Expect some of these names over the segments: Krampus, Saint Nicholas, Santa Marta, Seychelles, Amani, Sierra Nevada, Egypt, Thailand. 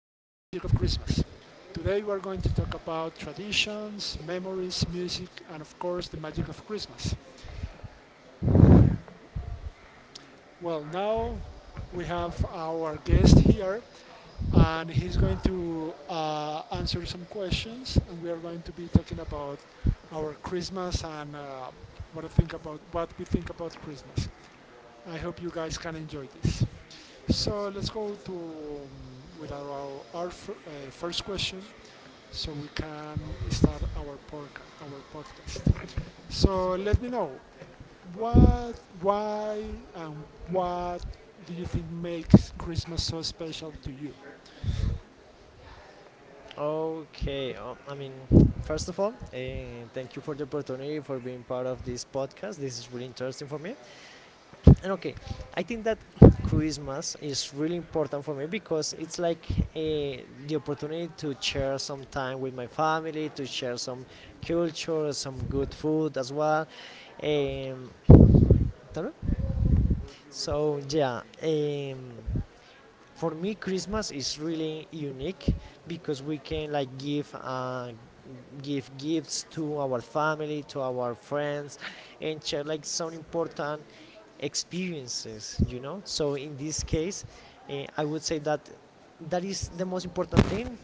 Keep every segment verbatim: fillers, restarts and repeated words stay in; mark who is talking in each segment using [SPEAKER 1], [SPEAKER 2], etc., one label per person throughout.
[SPEAKER 1] of Christmas. Today we are going to talk about traditions, memories, music, and of course, the magic of Christmas. Well, now we have our guest here, and he's going to uh, answer some questions, and we are going to be talking about our Christmas and uh, what I think about what we think about Christmas. I hope you guys can enjoy this. So let's go to um, with our, our fir- uh, first question, so we can start our podcast. Our podcast. So let me know what, why, and what do you think makes Christmas so special to you?
[SPEAKER 2] Okay, um, I mean, first of all, uh, thank you for the opportunity for being part of this podcast. This is really interesting for me. And okay, I think that Christmas is really important for me because it's like uh, the opportunity to share some time with my family, to share some culture, some good food as well. Um, so, yeah. Um, for me christmas is really unique because we can like give uh, give gifts to our family, to our friends, and share like some important experiences you know so in this case uh, I would say that that is the most important thing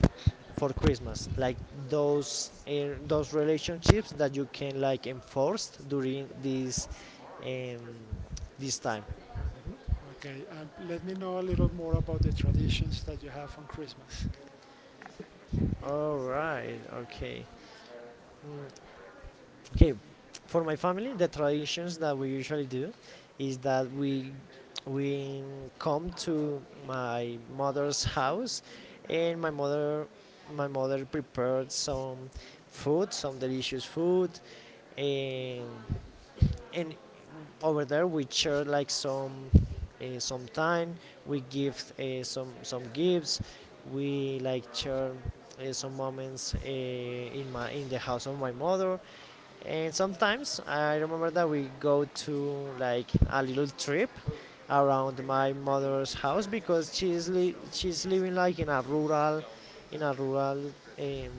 [SPEAKER 2] for christmas, like those uh, those relationships that you can like enforce during this um, this time.
[SPEAKER 1] Okay, and let me know a little more about the traditions that you have on Christmas,
[SPEAKER 2] All right. Okay. Okay, for my family, the traditions that we usually do is that we we come to my mother's house, and my mother my mother prepared some food, some delicious food, and and over there we share like some uh, some time, we give uh, some some gifts, we like share uh, some moments, uh, in my, in the house of my mother. And sometimes I remember that we go to like a little trip around my mother's house, because she's li- she's living like in a rural, in a rural um,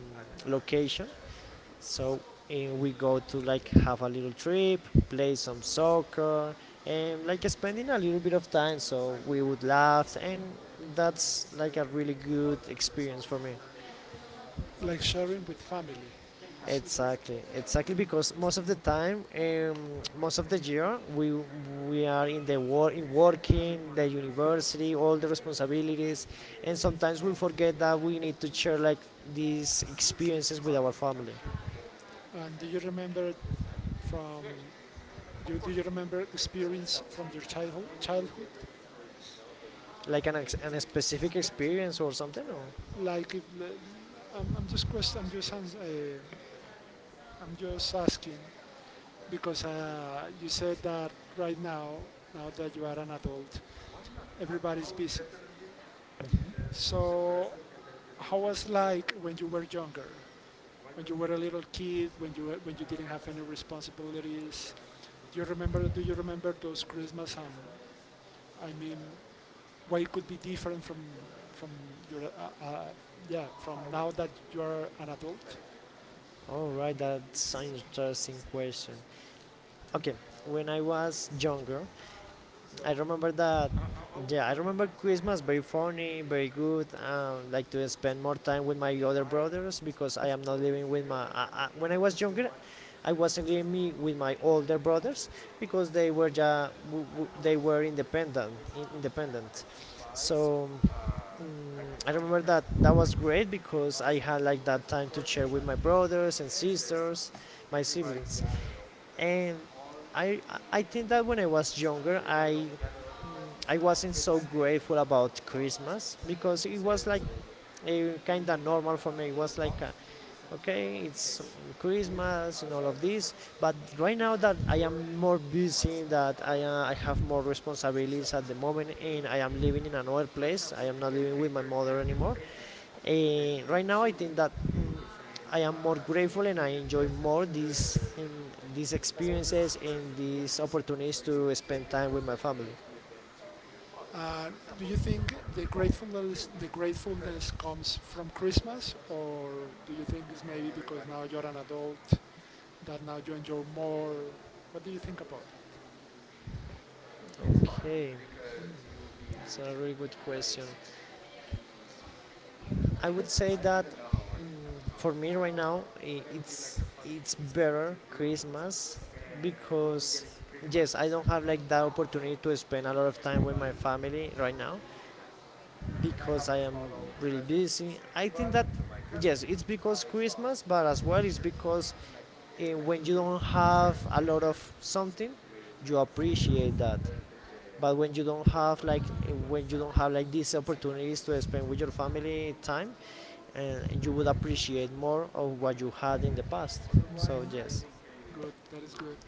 [SPEAKER 2] location. So uh, we go to like have a little trip, play some soccer, and like spending a little bit of time. So we would laugh, and that's like a really good experience for me.
[SPEAKER 1] like sharing with family. This is,
[SPEAKER 2] Exactly, exactly, because most of the time, um, most of the year, we we are in the work, in working, the university, all the responsibilities, and sometimes we forget that we need to share like these experiences with our family,
[SPEAKER 1] and do you remember from you, do you remember experience from your childhood? Childhood
[SPEAKER 2] like an ex- an specific experience or something. Or
[SPEAKER 1] like if the- I'm, I'm just quest. I'm just ans- uh, I'm just asking because uh, you said that right now, now that you are an adult, everybody's busy. So how was like when you were younger, when you were a little kid, when you when you didn't have any responsibilities? Do you remember? Do you remember those Christmas? And I mean, why it could be different from from your uh, uh, yeah from now that you are an adult?
[SPEAKER 2] all right, that's an interesting question. Okay, when I was younger, I remember that. Yeah, I remember Christmas very funny, very good. Um, like to spend more time with my other brothers, because I am not living with my. Uh, uh, when I was younger, I wasn't living me with my older brothers, because they were ja, w- w- they were independent, in- independent. So mm, I remember that that was great, because I had like that time to share with my brothers and sisters, my siblings, and I I think that when I was younger, I I wasn't so grateful about Christmas, because it was like a kind of normal for me. It was like, uh okay, it's Christmas and all of this. But right now that I am more busy, that I uh, I have more responsibilities at the moment, and I am living in another place. I am not living with my mother anymore. Uh, right now, I think that mm, I am more grateful and I enjoy more these um, these experiences and these opportunities to spend time with my family.
[SPEAKER 1] Uh, do you think the gratefulness the gratefulness comes from Christmas, or do you think it's maybe because now you're an adult that now you enjoy more? What do you think about that?
[SPEAKER 2] Okay, it's a really good question. I would say that mm, for me right now, i- it's it's better Christmas, because yes, I don't have like that opportunity to spend a lot of time with my family right now, because I am really busy. I think that yes, it's because Christmas, but as well it's because uh, when you don't have a lot of something, you appreciate that. But when you don't have like uh, when you don't have like these opportunities to spend with your family time, and you would appreciate more of what you had in the past. So yes,
[SPEAKER 1] Good, that is good.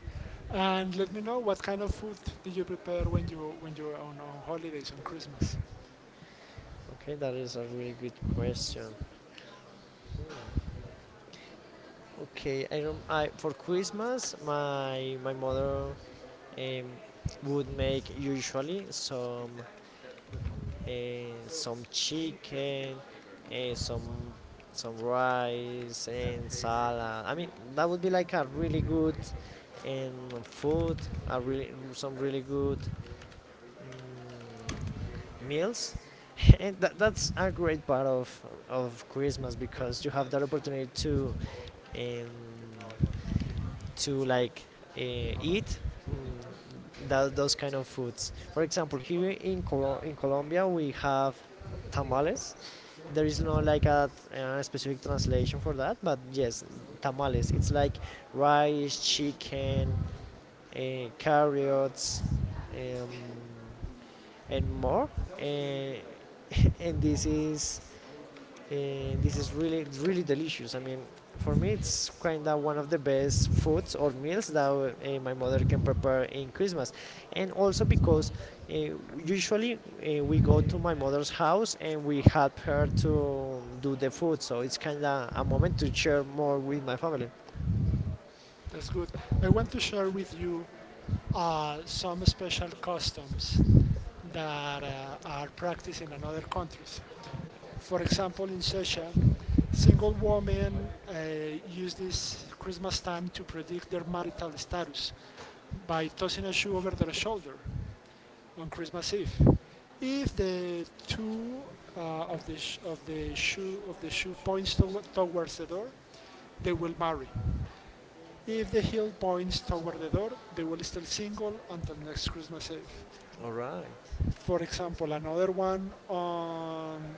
[SPEAKER 1] And let me know what kind of food did you prepare when you when you were on, on holidays on Christmas.
[SPEAKER 2] okay, that is a really good question. Okay, I, rem- I for Christmas, my my mother um, would make usually some uh, some chicken, uh, some some rice and salad. I mean that would be like a really good um, food, a really some really good mm meals. And that, that's a great part of of Christmas because you have that opportunity to um, to like uh, eat mm, that, those kind of foods. For example, here in Colo- in Colombia we have tamales. There is no like a, a specific translation for that, but yes, tamales. It's like rice, chicken, uh, carrots, um, and more. Uh, and this is and this is really really delicious. I mean, for me, it's kind of one of the best foods or meals that uh, my mother can prepare in Christmas, and also because uh, usually uh, we go to my mother's house and we help her to do the food, so it's kind of a moment to share more with my family.
[SPEAKER 1] That's good. I want to share with you uh, some special customs that uh, are practiced in other countries. For example, in Seychelles, Single women uh, use this Christmas time to predict their marital status by tossing a shoe over their shoulder on Christmas Eve. If the two uh, of the sh- of the shoe of the shoe points to- towards the door, they will marry. If the heel points toward the door, they will stay single until next Christmas Eve.
[SPEAKER 2] All right.
[SPEAKER 1] For example, another one on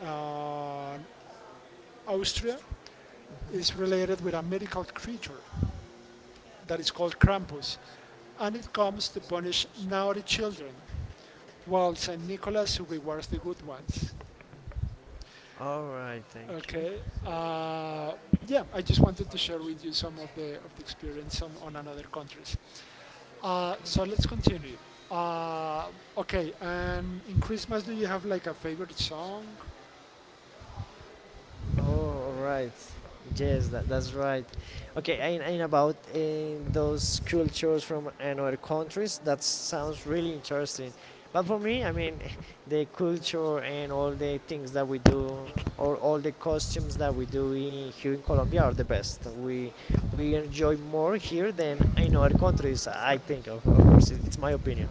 [SPEAKER 1] on Austria is related with a mythical creature that is called Krampus, and it comes to punish naughty children, while Saint Nicholas rewards the good ones.
[SPEAKER 2] All right. Thank you.
[SPEAKER 1] Okay. Uh, yeah, I just wanted to share with you some of the of the experience on, on another countries. Uh, so let's continue. Uh, okay, and in Christmas, do you have like a favorite song?
[SPEAKER 2] Oh, right, yes, that, that's right. Okay, and, and about uh, those cultures from another countries, that sounds really interesting. But for me, I mean, the culture and all the things that we do, or all the costumes that we do in, here in Colombia are the best. We we enjoy more here than in other countries. I think, of, of course, it, it's my opinion.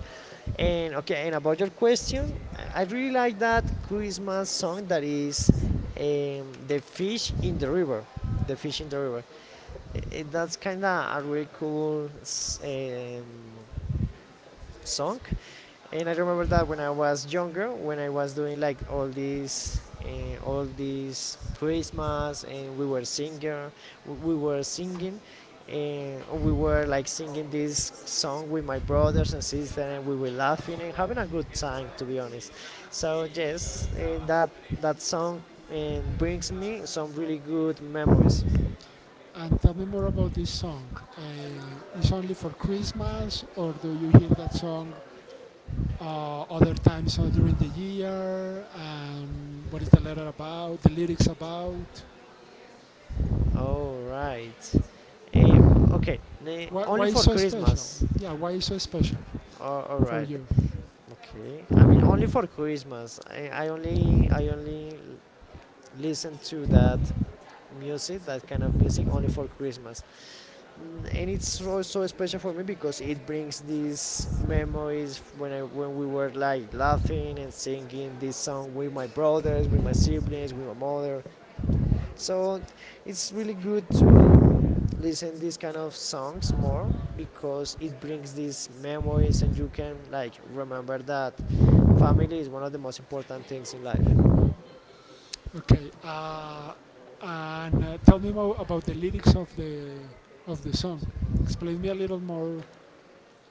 [SPEAKER 2] And okay, and about your question, I really like that Christmas song that is um, the fish in the river, the fish in the river. I- I- that's kind of a really cool s- um, song, and I remember that when I was younger, when I was doing like all these, uh, all these Christmas, and we were singing, we were singing, and we were like singing this song with my brothers and sisters, and we were laughing and having a good time, to be honest. So yes, uh, that that song and brings me some really good memories.
[SPEAKER 1] And tell me more about this song. Uh, it's only for Christmas, or do you hear that song uh, other times uh, during the year, and what is the letter about, the lyrics about.
[SPEAKER 2] All right. Eh, okay. Eh,
[SPEAKER 1] Why,
[SPEAKER 2] only
[SPEAKER 1] why is
[SPEAKER 2] for
[SPEAKER 1] so special?
[SPEAKER 2] Christmas.
[SPEAKER 1] Yeah, why is so special
[SPEAKER 2] Oh, all
[SPEAKER 1] for
[SPEAKER 2] right.
[SPEAKER 1] you?
[SPEAKER 2] Okay, I mean only for Christmas. I, I only I only l- listen to that music, that kind of music, only for Christmas. Mm, And it's also special for me because it brings these memories when I when we were like laughing and singing this song with my brothers, with my siblings, with my mother. So it's really good to listen these kind of songs more, because it brings these memories and you can like remember that family is one of the most important things in life.
[SPEAKER 1] Okay, uh, and uh, tell me more about the lyrics of the of the song. Explain me a little more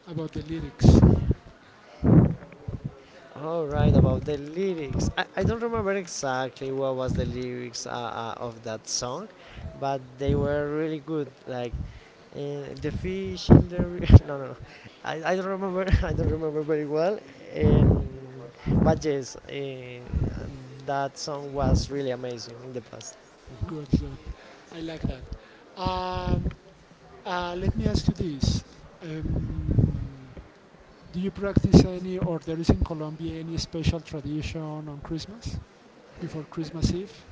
[SPEAKER 1] about the lyrics.
[SPEAKER 2] All right, about the lyrics. I, I don't remember exactly what was the lyrics uh, uh, of that song, but they were really good. Like uh, the fish in the ri- no, no, no. I, I don't remember, I don't remember very well. And but yes, uh, that song was really amazing in the past.
[SPEAKER 1] Good, good. I like that. Um, uh, let me ask you this: um, Do you practice any, or there is in Colombia any special tradition on Christmas? Before Christmas Eve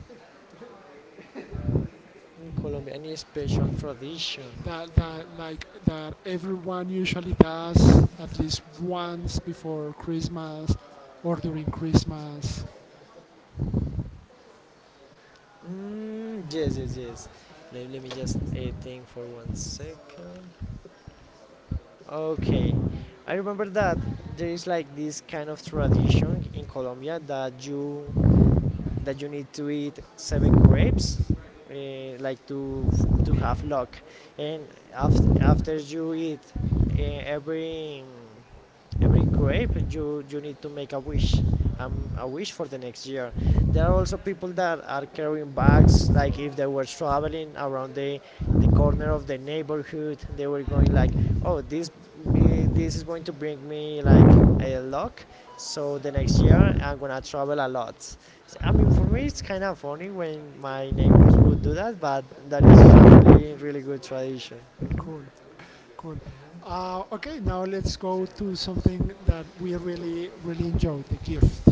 [SPEAKER 2] In Colombia, any special tradition?
[SPEAKER 1] that, that like that everyone usually does at least once before Christmas or during Christmas.
[SPEAKER 2] Mm, yes, yes, yes. Let, let me just uh, think for one second. Okay, I remember that there is like this kind of tradition in Colombia that you that you need to eat seven grapes, uh, like to to have luck, and after after you eat uh, every every grape you you need to make a wish, um, a wish for the next year. There are also people that are carrying bags like if they were traveling around the the corner of the neighborhood. They were going like, oh this eh, this is going to bring me like a luck, so the next year I'm gonna travel a lot. So, I mean for me it's kind of funny when my neighbors would do that, but that is a really really good tradition.
[SPEAKER 1] Cool, cool. Uh, okay, now let's go to something that we really really enjoy: the gift.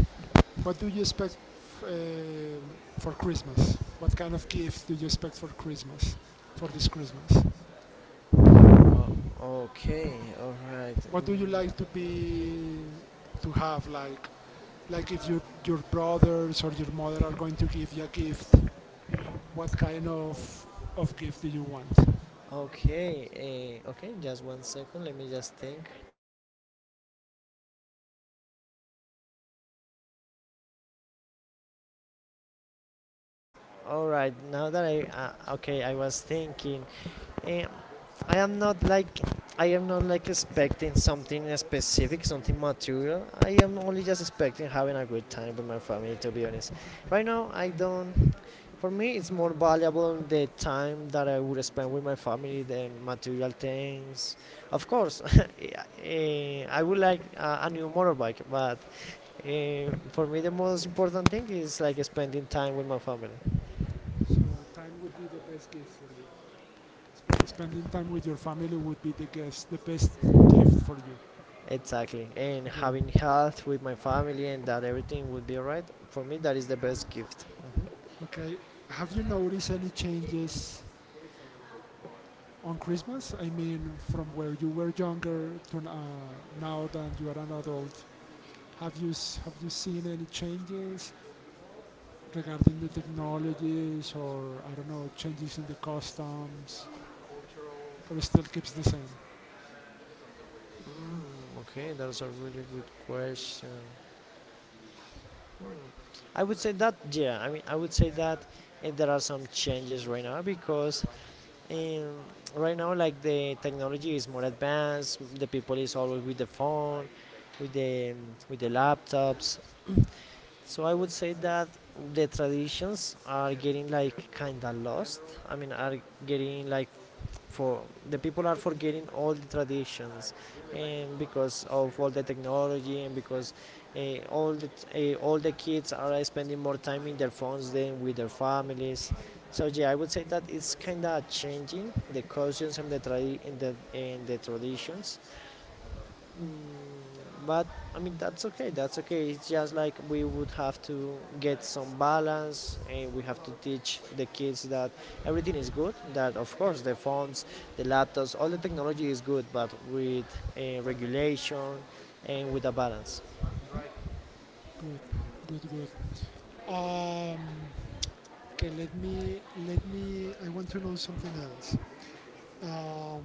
[SPEAKER 1] What do you expect f- uh, for Christmas? What kind of gift do you expect for Christmas? For this Christmas,
[SPEAKER 2] Oh, okay, all right.
[SPEAKER 1] what do you like to
[SPEAKER 2] Mm,
[SPEAKER 1] be to have like like if your your brothers or your mother are going to give you a gift, what kind of of gift do you want?
[SPEAKER 2] Okay, uh, okay, just one second. Let me just think. All right, now that I uh, okay, I was thinking. Um, I am not like I am not like expecting something specific, something material. I am only just expecting having a good time with my family. To be honest, right now I don't. For me, it's more valuable the time that I would spend with my family than material things. Of course, eh, I would like uh, a new motorbike, but Uh, for me, the most important thing is like spending time with my family.
[SPEAKER 1] So time would be the best gift for you. Sp- Spending time with your family would be the guess, the best gift for you.
[SPEAKER 2] Exactly, and
[SPEAKER 1] Good.
[SPEAKER 2] having health with my family and that everything would be alright. For me, that is the best gift. Mhm.
[SPEAKER 1] Okay. Have you noticed any changes on Christmas? I mean, from where you were younger to uh, now that you are an adult, have you s- have you seen any changes regarding the technologies or I don't know changes in the customs? But it still keeps the same.
[SPEAKER 2] Okay, that's a really good question. I would say that yeah. I mean, I would say that uh, there are some changes right now because um, right now like the technology is more advanced. The people is always with the phone, with the with the laptops. So I would say that the traditions are getting like kind of lost. I mean, are getting like for the people are forgetting all the traditions, and because of all the technology, and because uh, all the t- uh, all the kids are uh, spending more time in their phones than with their families. So yeah, I would say that it's kind of changing the customs and the tra- and the, and the traditions. Mm, but I mean that's okay. That's okay. It's just like we would have to get some balance, and we have to teach the kids that everything is good. That, of course, the phones, the laptops, all the technology is good, but with uh, regulation and with a balance.
[SPEAKER 1] Good, good, good. Um, okay, let me let me. I want to know something else. Um,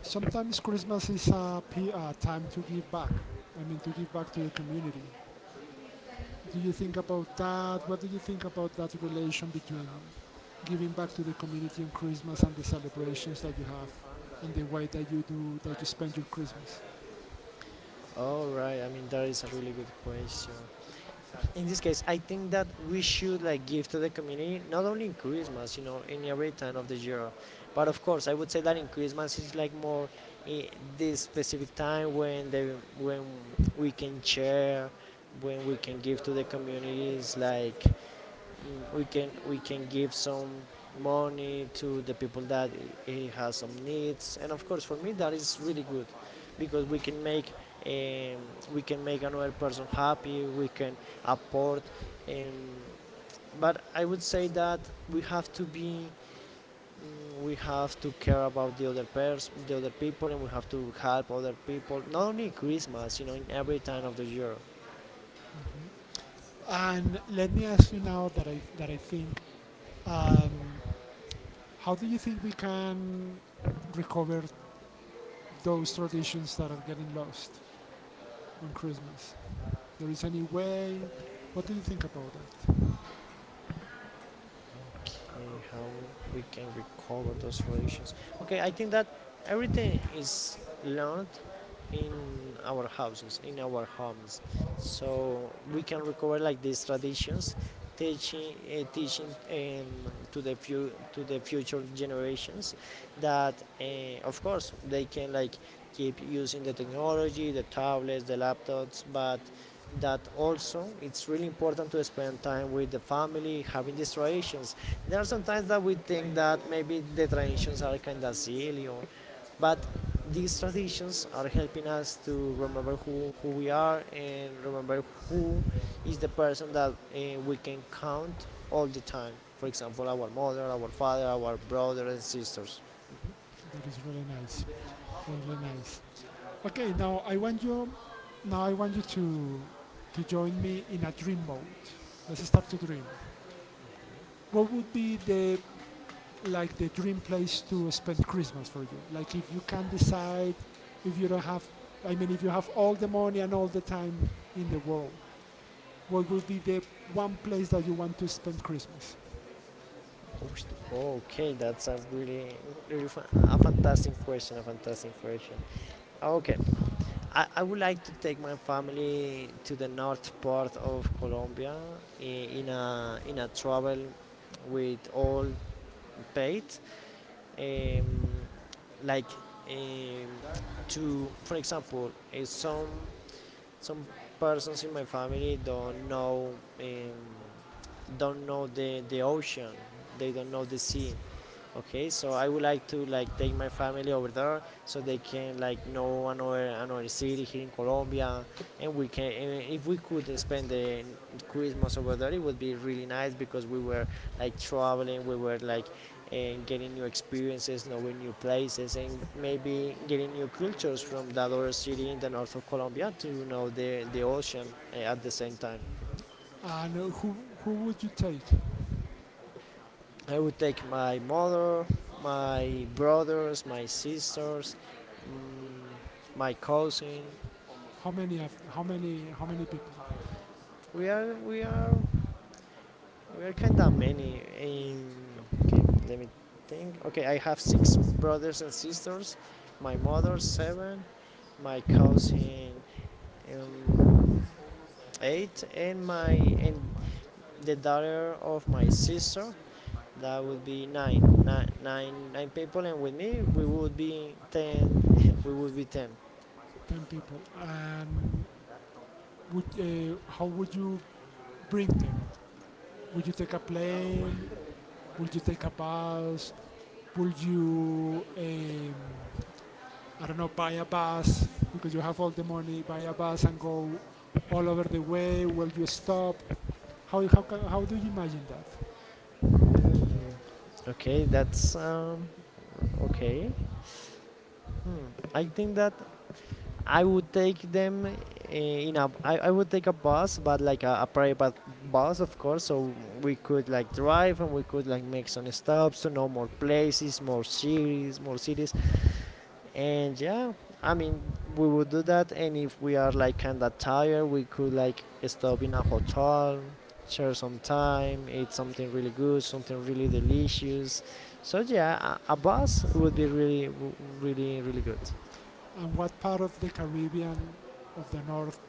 [SPEAKER 1] sometimes Christmas is a, p- a time to give back. I mean, to give back to the community. Do you think about that? What do you think about that relation between giving back to the community on Christmas and the celebrations that you have, and the way that you do that you spend your Christmas?
[SPEAKER 2] All right. I mean, that is a really good question. In this case, I think that we should like give to the community not only in Christmas, you know, in every time of the year. But of course, I would say that in Christmas is like more, I, this specific time when the when we can share, when we can give to the communities, like, mm, we can we can give some money to the people that i- i- has some needs. And of course, for me, that is really good because we can make um, we can make another person happy. We can support. And but I would say that we have to be, mm, we have to care about the other person, the other people, and we have to help other people not only Christmas, you know in every time of the year.
[SPEAKER 1] Mm-hmm. And let me ask you now that I that I think, um, How do you think we can recover those traditions that are getting lost on Christmas? There is any way? What do you think about that?
[SPEAKER 2] And how we can recover those traditions. Okay, I think that everything is learned in our houses, in our homes, so we can recover like these traditions, teaching uh, teaching um, to the few to the future generations that, uh, of course, they can like keep using the technology, the tablets, the laptops, but that also it's really important to spend time with the family having these traditions. There are sometimes that we think that maybe the traditions are kind of silly, or, but these traditions are helping us to remember who, who we are, and remember who is the person that uh, we can count all the time. For example, our mother, our father, our brothers and sisters.
[SPEAKER 1] That is really nice. Really nice. Okay, now I want you now I want you to to join me in a dream mode. Let's start to dream. What would be the like the dream place to spend Christmas for you? Like if you can decide, if you don't have, I mean, if you have all the money and all the time in the world, what would be the one place that you want to spend Christmas?
[SPEAKER 2] Oh, okay, that's a really, really fa- a fantastic question. A fantastic question. Okay, I, I would like to take my family to the north part of Colombia, in, in a in a travel with all paid, um, like, um, to, for example, uh, some some persons in my family don't know, um, don't know the the ocean, they don't know the sea. Okay, so I would like to like take my family over there so they can like know another another city here in Colombia, and we can and if we could spend the Christmas over there, it would be really nice because we were like traveling, we were like, and getting new experiences, knowing new places, and maybe getting new cultures from that other city in the north of Colombia to know the the ocean, eh, at the same time.
[SPEAKER 1] And uh, who who would you take?
[SPEAKER 2] I would take my mother, my brothers, my sisters, mm, my cousin.
[SPEAKER 1] How many how many how many people?
[SPEAKER 2] We are we are we are kind of many. In, okay, let me think. Okay, I have six brothers and sisters. My mother seven, my cousin, um, eight, and my and the daughter of my sister. That would be nine, nine, nine, nine people, and with me we would be ten. We would be ten.
[SPEAKER 1] Ten people. And would uh, how would you bring them? Would you take a plane? Would you take a bus? Would you um, I don't know buy a bus because you have all the money? Buy a bus and go all over the way. Will you stop? How how how do you imagine that?
[SPEAKER 2] Ooh. Okay, that's um, okay. Hmm. I think that I would take them uh, in a. I, I would take a bus, but like a, a private bus, of course. So we could like drive, and we could like make some stops to know more places, more cities, more cities. And yeah, I mean, we would do that. And if we are like kinda tired, we could like stop in a hotel, share some time, eat something really good, something really delicious. So yeah, a, a bus would be really w- really, really good.
[SPEAKER 1] And what part of the Caribbean of the north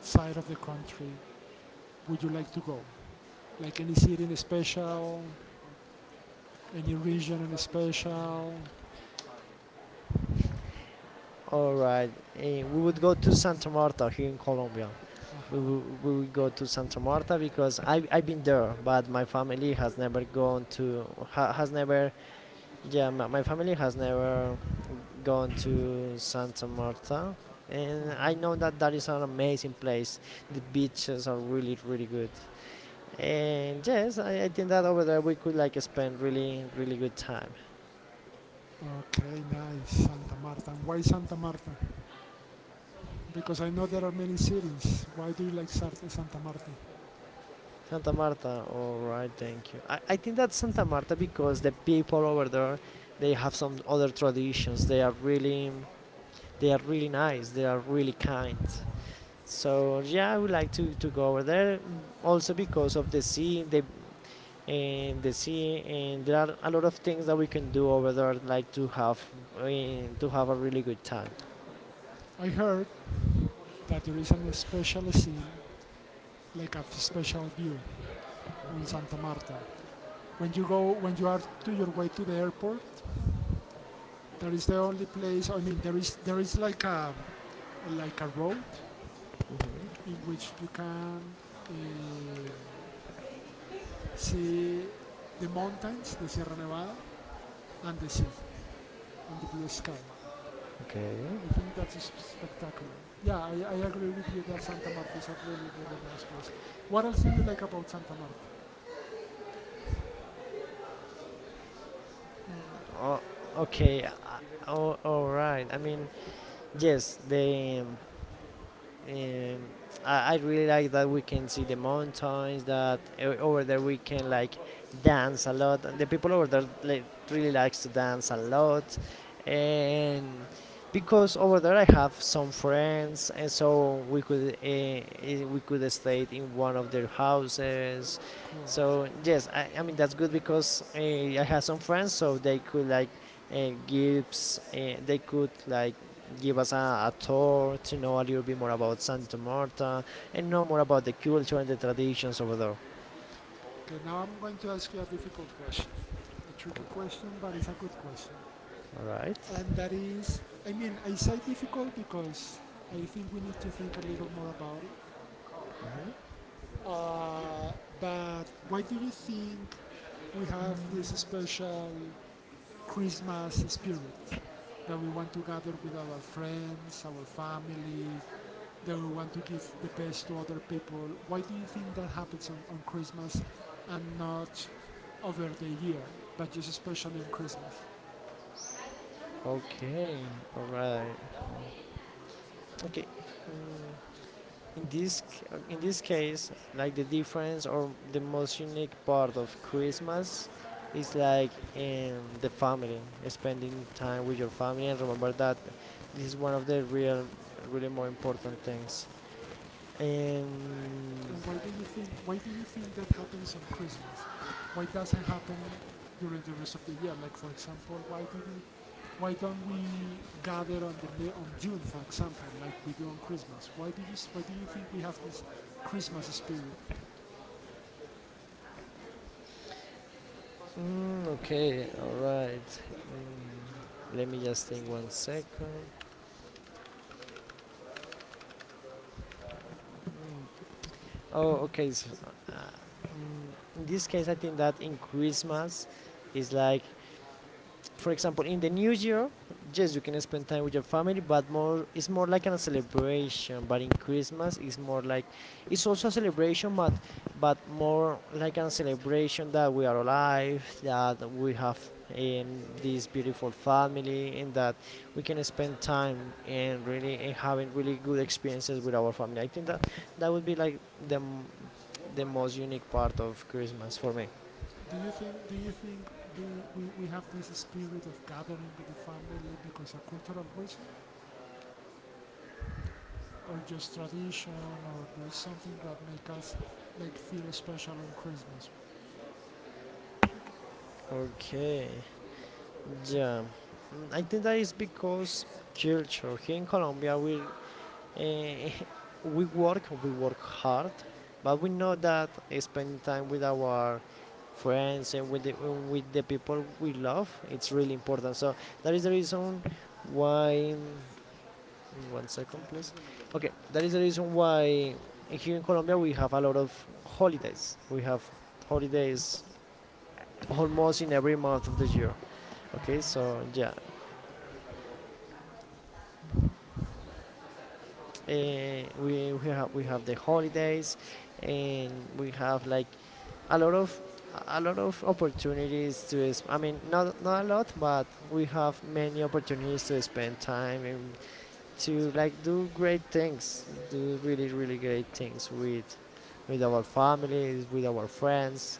[SPEAKER 1] side of the country would you like to go? Like any city in special, any region in special?
[SPEAKER 2] All right, and we would go to Santa Marta here in Colombia.
[SPEAKER 1] Uh
[SPEAKER 2] we
[SPEAKER 1] huh.
[SPEAKER 2] will, we will go to Santa Marta because I, I've been there, but my family has never gone to ha, has never, yeah, my, my family has never gone to Santa Marta, and
[SPEAKER 1] Uh
[SPEAKER 2] I know
[SPEAKER 1] huh.
[SPEAKER 2] that that is an amazing place. The beaches are really, really good. And yes, I, I think that over there we could like spend really, really good time.
[SPEAKER 1] Okay, nice. Santa Marta. And Why Santa Marta? Because I know there are many cities. Why do you like Sar- Santa Marta?
[SPEAKER 2] Santa Marta, all right, thank you. I, I think that's Santa Marta because the people over there, they have some other traditions. They are really, they are really nice. They are really kind. So yeah, I would like to, to go over there, mm, also because of the sea, the and the sea, and there are a lot of things that we can do over there like to have uh, to have a really good time.
[SPEAKER 1] I heard that there is a special scene, like a special view on Santa Marta. When you go, when you are to your way to the airport, there is the only place. I mean, there is there is like a like a road in which you can uh, see the mountains, the Sierra Nevada, and the sea, and the blue sky.
[SPEAKER 2] Okay.
[SPEAKER 1] I think that is spectacular. Yeah, I, I agree with you that Santa Marta is a really, really nice place. What else do you like about Santa Marta?
[SPEAKER 2] oh, okay uh, oh, all right, I mean, yes the um, Um, I, I really like that we can see the mountains. That o- over there we can like dance a lot. And the people over there like, really likes to dance a lot, and because over there I have some friends, and so we could uh, eh, we could stay in one of their houses.
[SPEAKER 1] Cool.
[SPEAKER 2] So yes, I, I mean that's good because uh, I have some friends, so they could like uh, gives uh, they could like give us a, a tour to know a little bit more about Santa Marta, and know more about the culture and the traditions over there.
[SPEAKER 1] Okay, now I'm going to ask you a difficult question. A tricky question, but it's a good question.
[SPEAKER 2] All right.
[SPEAKER 1] And that is, I mean, I say difficult because I think we need to think a little more about it. Uh, but why do you think we have this special Christmas spirit that we want to gather with our friends, our family, that we want to give the best to other people. Why do you think that happens on, on Christmas and not over the year, but just especially on Christmas?
[SPEAKER 2] Okay. All right. Okay. Mm, In this c- in this case, like the difference or the most unique part of Christmas is like, um, the family, spending time with your family, and remember that this is one of the real, really more important things. Um,
[SPEAKER 1] And why do you think why do you think that happens on Christmas? Why doesn't happen during the rest of the year? Like for example, why do you Why don't we gather on the on June, for example, like we do on Christmas? Why do you why do you think we have this Christmas spirit?
[SPEAKER 2] Mm, okay, alright. Mm, let me just think one second. Mm, oh, okay. So, uh, mm, in this case, I think that in Christmas is like, for example, in the new year, yes, you can spend time with your family, but more, it's more like a celebration. But in Christmas it's more like, it's also a celebration, but but more like a celebration that we are alive, that we have, um, this beautiful family, and that we can spend time, and really and having really good experiences with our family. I think that that would be like the m- the most unique part of Christmas for me.
[SPEAKER 1] Do you think do you think do we, we have this spirit of gathering with the family because a cultural reason, or just tradition, or there is something that make us like feel special on Christmas?
[SPEAKER 2] Okay. Yeah. Mm, I think that is because culture, here in Colombia we, uh, we work, we work hard, but we know that uh, spending time with our friends and with the, with the people we love, it's really important. So that is the reason why. Mm, one second, please. Okay, that is the reason why here in Colombia we have a lot of holidays. We have holidays almost in every month of the year. Okay, so yeah. uh, we, we have we have the holidays, and we have like a lot of, a lot of opportunities to sp- I mean, not not a lot, but we have many opportunities to spend time, and to like do great things, do really, really great things with with our families, with our friends,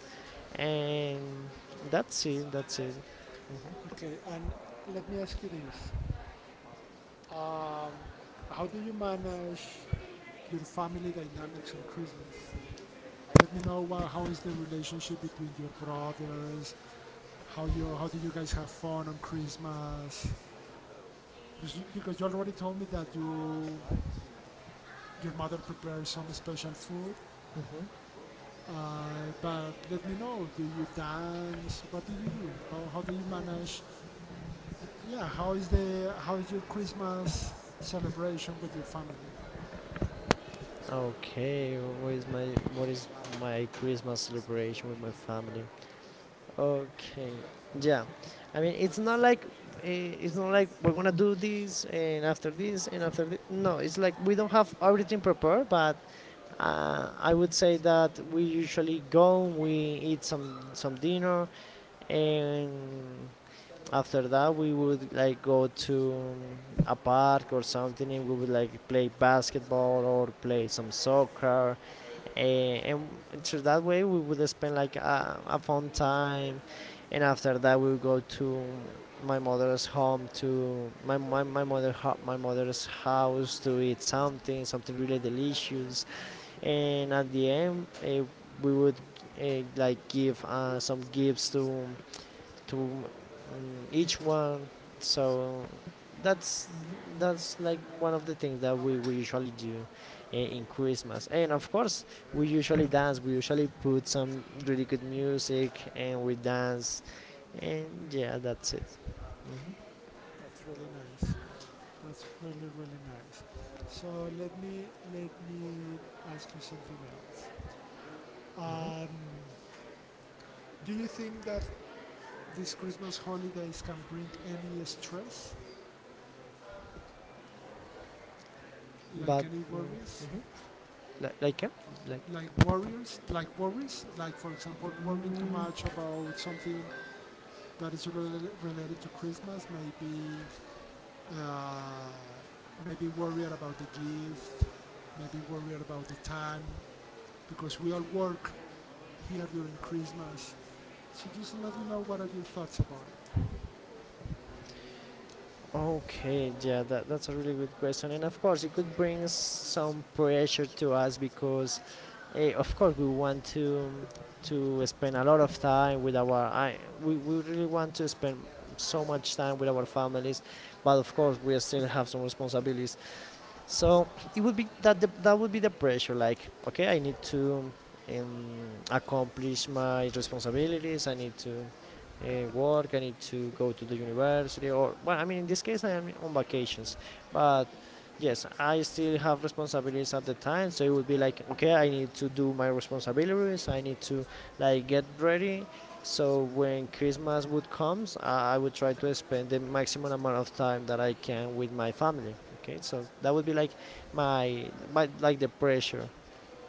[SPEAKER 2] and that's it, that's it. Mhm.
[SPEAKER 1] Okay, and let me ask you this. Um, how do you manage Your family dynamics on Christmas. Let me know uh, how is the relationship between your brothers. How you how do you guys have fun on Christmas? Because you- Because you already told me that you your mother prepares some special food. Uh, but let me know. Do you dance? What do you do? How how do you manage? Yeah. How is the how is your Christmas celebration with your family?
[SPEAKER 2] Okay, what is my what is my Christmas celebration with my family. Okay. Yeah. I mean, it's not like, uh, it's not like we're gonna do this, and after this, and after this. No, it's like we don't have everything prepared, but uh, I would say that we usually go, we eat some some dinner, and after that we would like go to a park or something, and we would like play basketball or play some soccer, and, and so that way we would spend like a, a fun time, and after that we would go to my mother's home to my my, my mother ho- my mother's house to eat something, something really delicious. And at the end, uh, we would uh, like give uh, some gifts to to um, each one. So that's that's like one of the things that we, we usually do i- in Christmas. And of course, we usually dance. We usually put some really good music, and we dance. And yeah, that's it. Mhm.
[SPEAKER 1] That's really nice. That's really really nice. So let me let me ask you something else. Um, Do you think that these Christmas holidays can bring any stress, like
[SPEAKER 2] But
[SPEAKER 1] any
[SPEAKER 2] mm,
[SPEAKER 1] worries,
[SPEAKER 2] mhm. Li- like, eh? like
[SPEAKER 1] like worries, like worries, like for example, worrying too much about something that is rel- related to Christmas, maybe, uh, maybe worried about the gift, maybe worried about the time, because we all work here during Christmas. So just let me know what are your thoughts about it.
[SPEAKER 2] Okay, yeah, that, that's a really good question, and of course it could bring s- some pressure to us because, eh, of course, we want to to spend a lot of time with our. I, we, we really want to spend so much time with our families, but of course we still have some responsibilities. So it would be that the, that would be the pressure. Like, okay, I need to, um, accomplish my responsibilities. I need to uh, work. I need to go to the university. Or well, I mean, in this case, I am on vacations, but yes, I still have responsibilities at the time. So it would be like, okay, I need to do my responsibilities. I need to like get ready. So when Christmas would comes, I, I would try to spend the maximum amount of time that I can with my family. Okay, so that would be like my my like the pressure.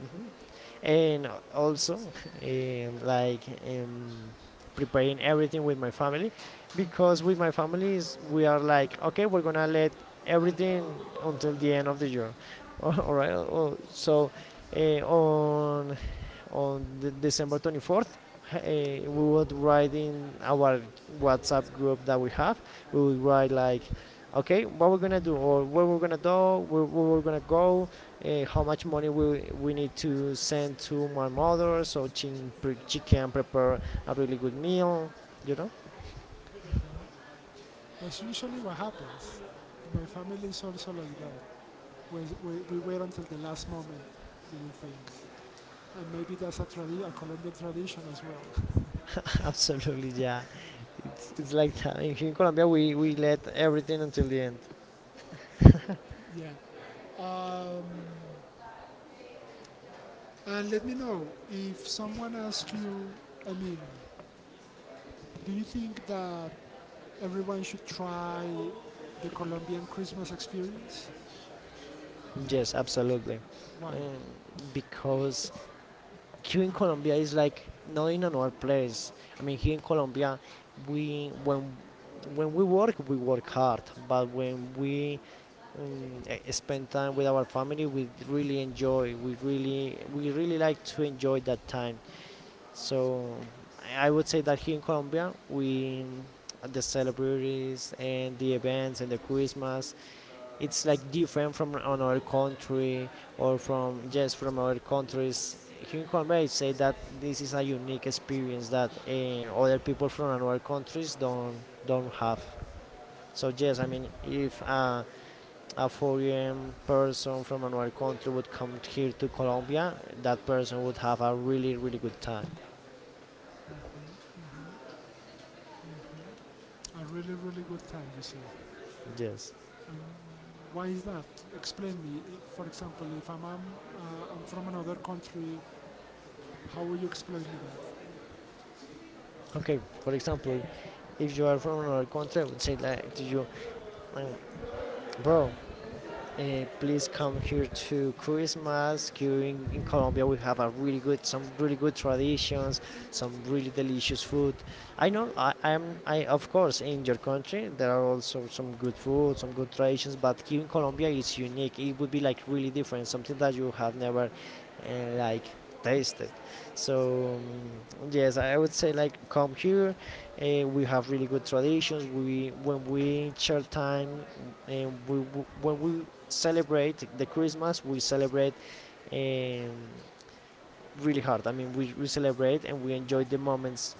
[SPEAKER 2] Mhm. And al- also, um, like um, preparing everything with my family, because with my families we are like, okay, we're gonna let everything until the end of the year. All right. oh, So uh, on on the December twenty-fourth, uh, we would write in our WhatsApp group that we have. We would write like, okay, what we're gonna do, or where we're gonna do, where, where we're gonna go, uh, how much money we we need to send to my mother so she, she can prepare a really good meal you know
[SPEAKER 1] That's usually what happens. My family is also like that. we, we wait until the last moment to do things. And maybe that's a, tradi- a Colombian tradition as well.
[SPEAKER 2] Absolutely, yeah, it's, it's like that. in, in Colombia we, we let everything until the end.
[SPEAKER 1] Yeah. Um, and let me know if someone asks you, I mean, do you think that everyone should try the Colombian Christmas experience?
[SPEAKER 2] Yes, absolutely.
[SPEAKER 1] Why?
[SPEAKER 2] um, because here in Colombia is like not in another place. I mean, here in Colombia we when when we work we work hard, but when we um, eh, spend time with our family we really enjoy. We really we really like to enjoy that time. So I would say that here in Colombia we, um, the celebrities and the events and the Christmas, it's like different from another country, or from just from other countries. Here in Colombia I say that this is a unique experience that uh, other people from another countries don't don't have. So yes, I mean if uh, a foreign person from another country would come here to Colombia, that person would have a really, really good time.
[SPEAKER 1] Mm-hmm. Mm-hmm. A really, really good time, you say.
[SPEAKER 2] Yes.
[SPEAKER 1] And why is that? Explain me. If, for example, if I'm, um, uh, I'm from another country, how will you explain me that?
[SPEAKER 2] Okay, for example, if you are from another country, I would say like to you, um, bro, Uh, please come here to Christmas. Here in, in Colombia, we have a really good, some really good traditions, some really delicious food. I know, I am, I of course, in your country there are also some good food, some good traditions, but here in Colombia it's unique. It would be like really different, something that you have never, uh, like tasted. So um, yes, I would say like come here. Uh, we have really good traditions. We when we share time, and we w- when we celebrate the Christmas, we celebrate um, really hard. I mean, we, we celebrate and we enjoy the moments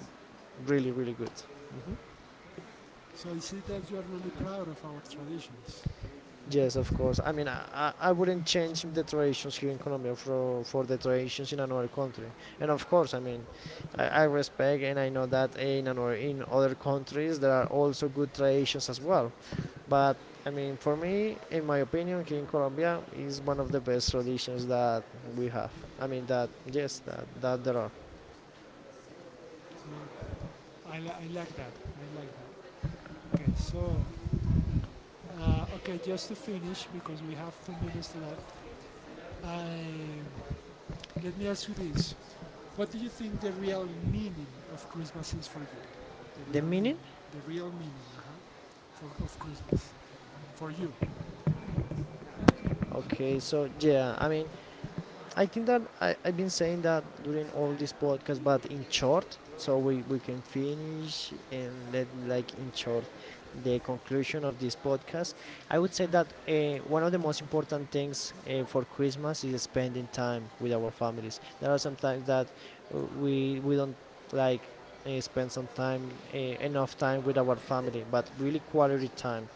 [SPEAKER 2] really, really good. Mhm.
[SPEAKER 1] So you see that you are really proud of our traditions.
[SPEAKER 2] Yes, of course. I mean, I, I I wouldn't change the traditions here in Colombia for, for the traditions in another country. And of course, I mean, I, I respect and I know that in another, in other countries there are also good traditions as well. But I mean, for me, in my opinion, here in Colombia is one of the best traditions that we have. I mean that yes, that that there are.
[SPEAKER 1] Good. I, li- I like that. I like that. Okay, so uh, okay, just to finish because we have two minutes left. I, Let me ask you this: What do you think the real meaning of Christmas is for you? The real
[SPEAKER 2] The
[SPEAKER 1] meaning,
[SPEAKER 2] meaning?
[SPEAKER 1] the real meaning, uh-huh, for of Christmas for you.
[SPEAKER 2] Okay, so yeah, I mean I think that I, I've been saying that during all this podcast, but in short, so we, we can finish and let like in short the conclusion of this podcast. I would say that uh, one of the most important things uh, for Christmas is spending time with our families. There are some times that uh, we we don't like uh, spend some time uh, enough time with our family, but really quality time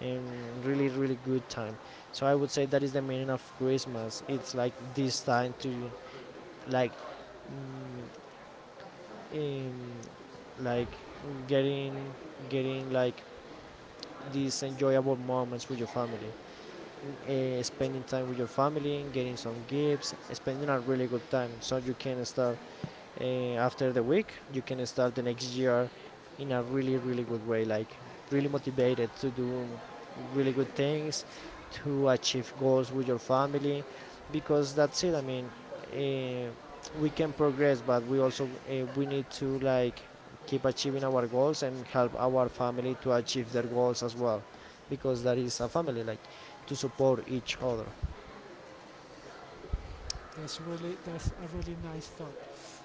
[SPEAKER 2] and really really good time. So I would say that is the meaning of Christmas. It's like this time to like mm, um, like getting getting like these enjoyable moments with your family, uh, spending time with your family, getting some gifts, spending a really good time so you can start uh, after the week you can start the next year in a really really good way, like really motivated to do really good things, to achieve goals with your family. Because that's it, I mean uh, we can progress, but we also uh, we need to like keep achieving our goals and help our family to achieve their goals as well, because that is a family, like to support each other.
[SPEAKER 1] That's really that's a really nice thought.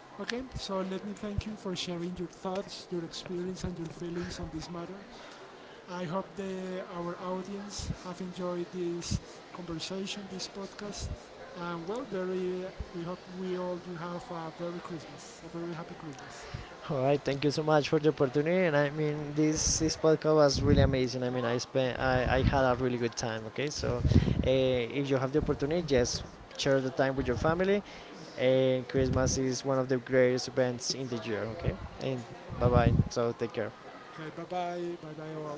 [SPEAKER 1] Okay, so let me thank you for sharing your thoughts, your experience, and your feelings on this matter. I hope the, our audience have enjoyed this conversation, this podcast, and well, very. We hope we all do have a very Christmas, a very happy Christmas.
[SPEAKER 2] All right, thank you so much for the opportunity, and I mean this this podcast was really amazing. I mean i spent i, I had a really good time. Okay, so uh, if you have the opportunity, just share the time with your family, and Christmas is one of the greatest events in the year. Okay, and bye bye. So take care.
[SPEAKER 1] Okay, bye bye, bye bye all.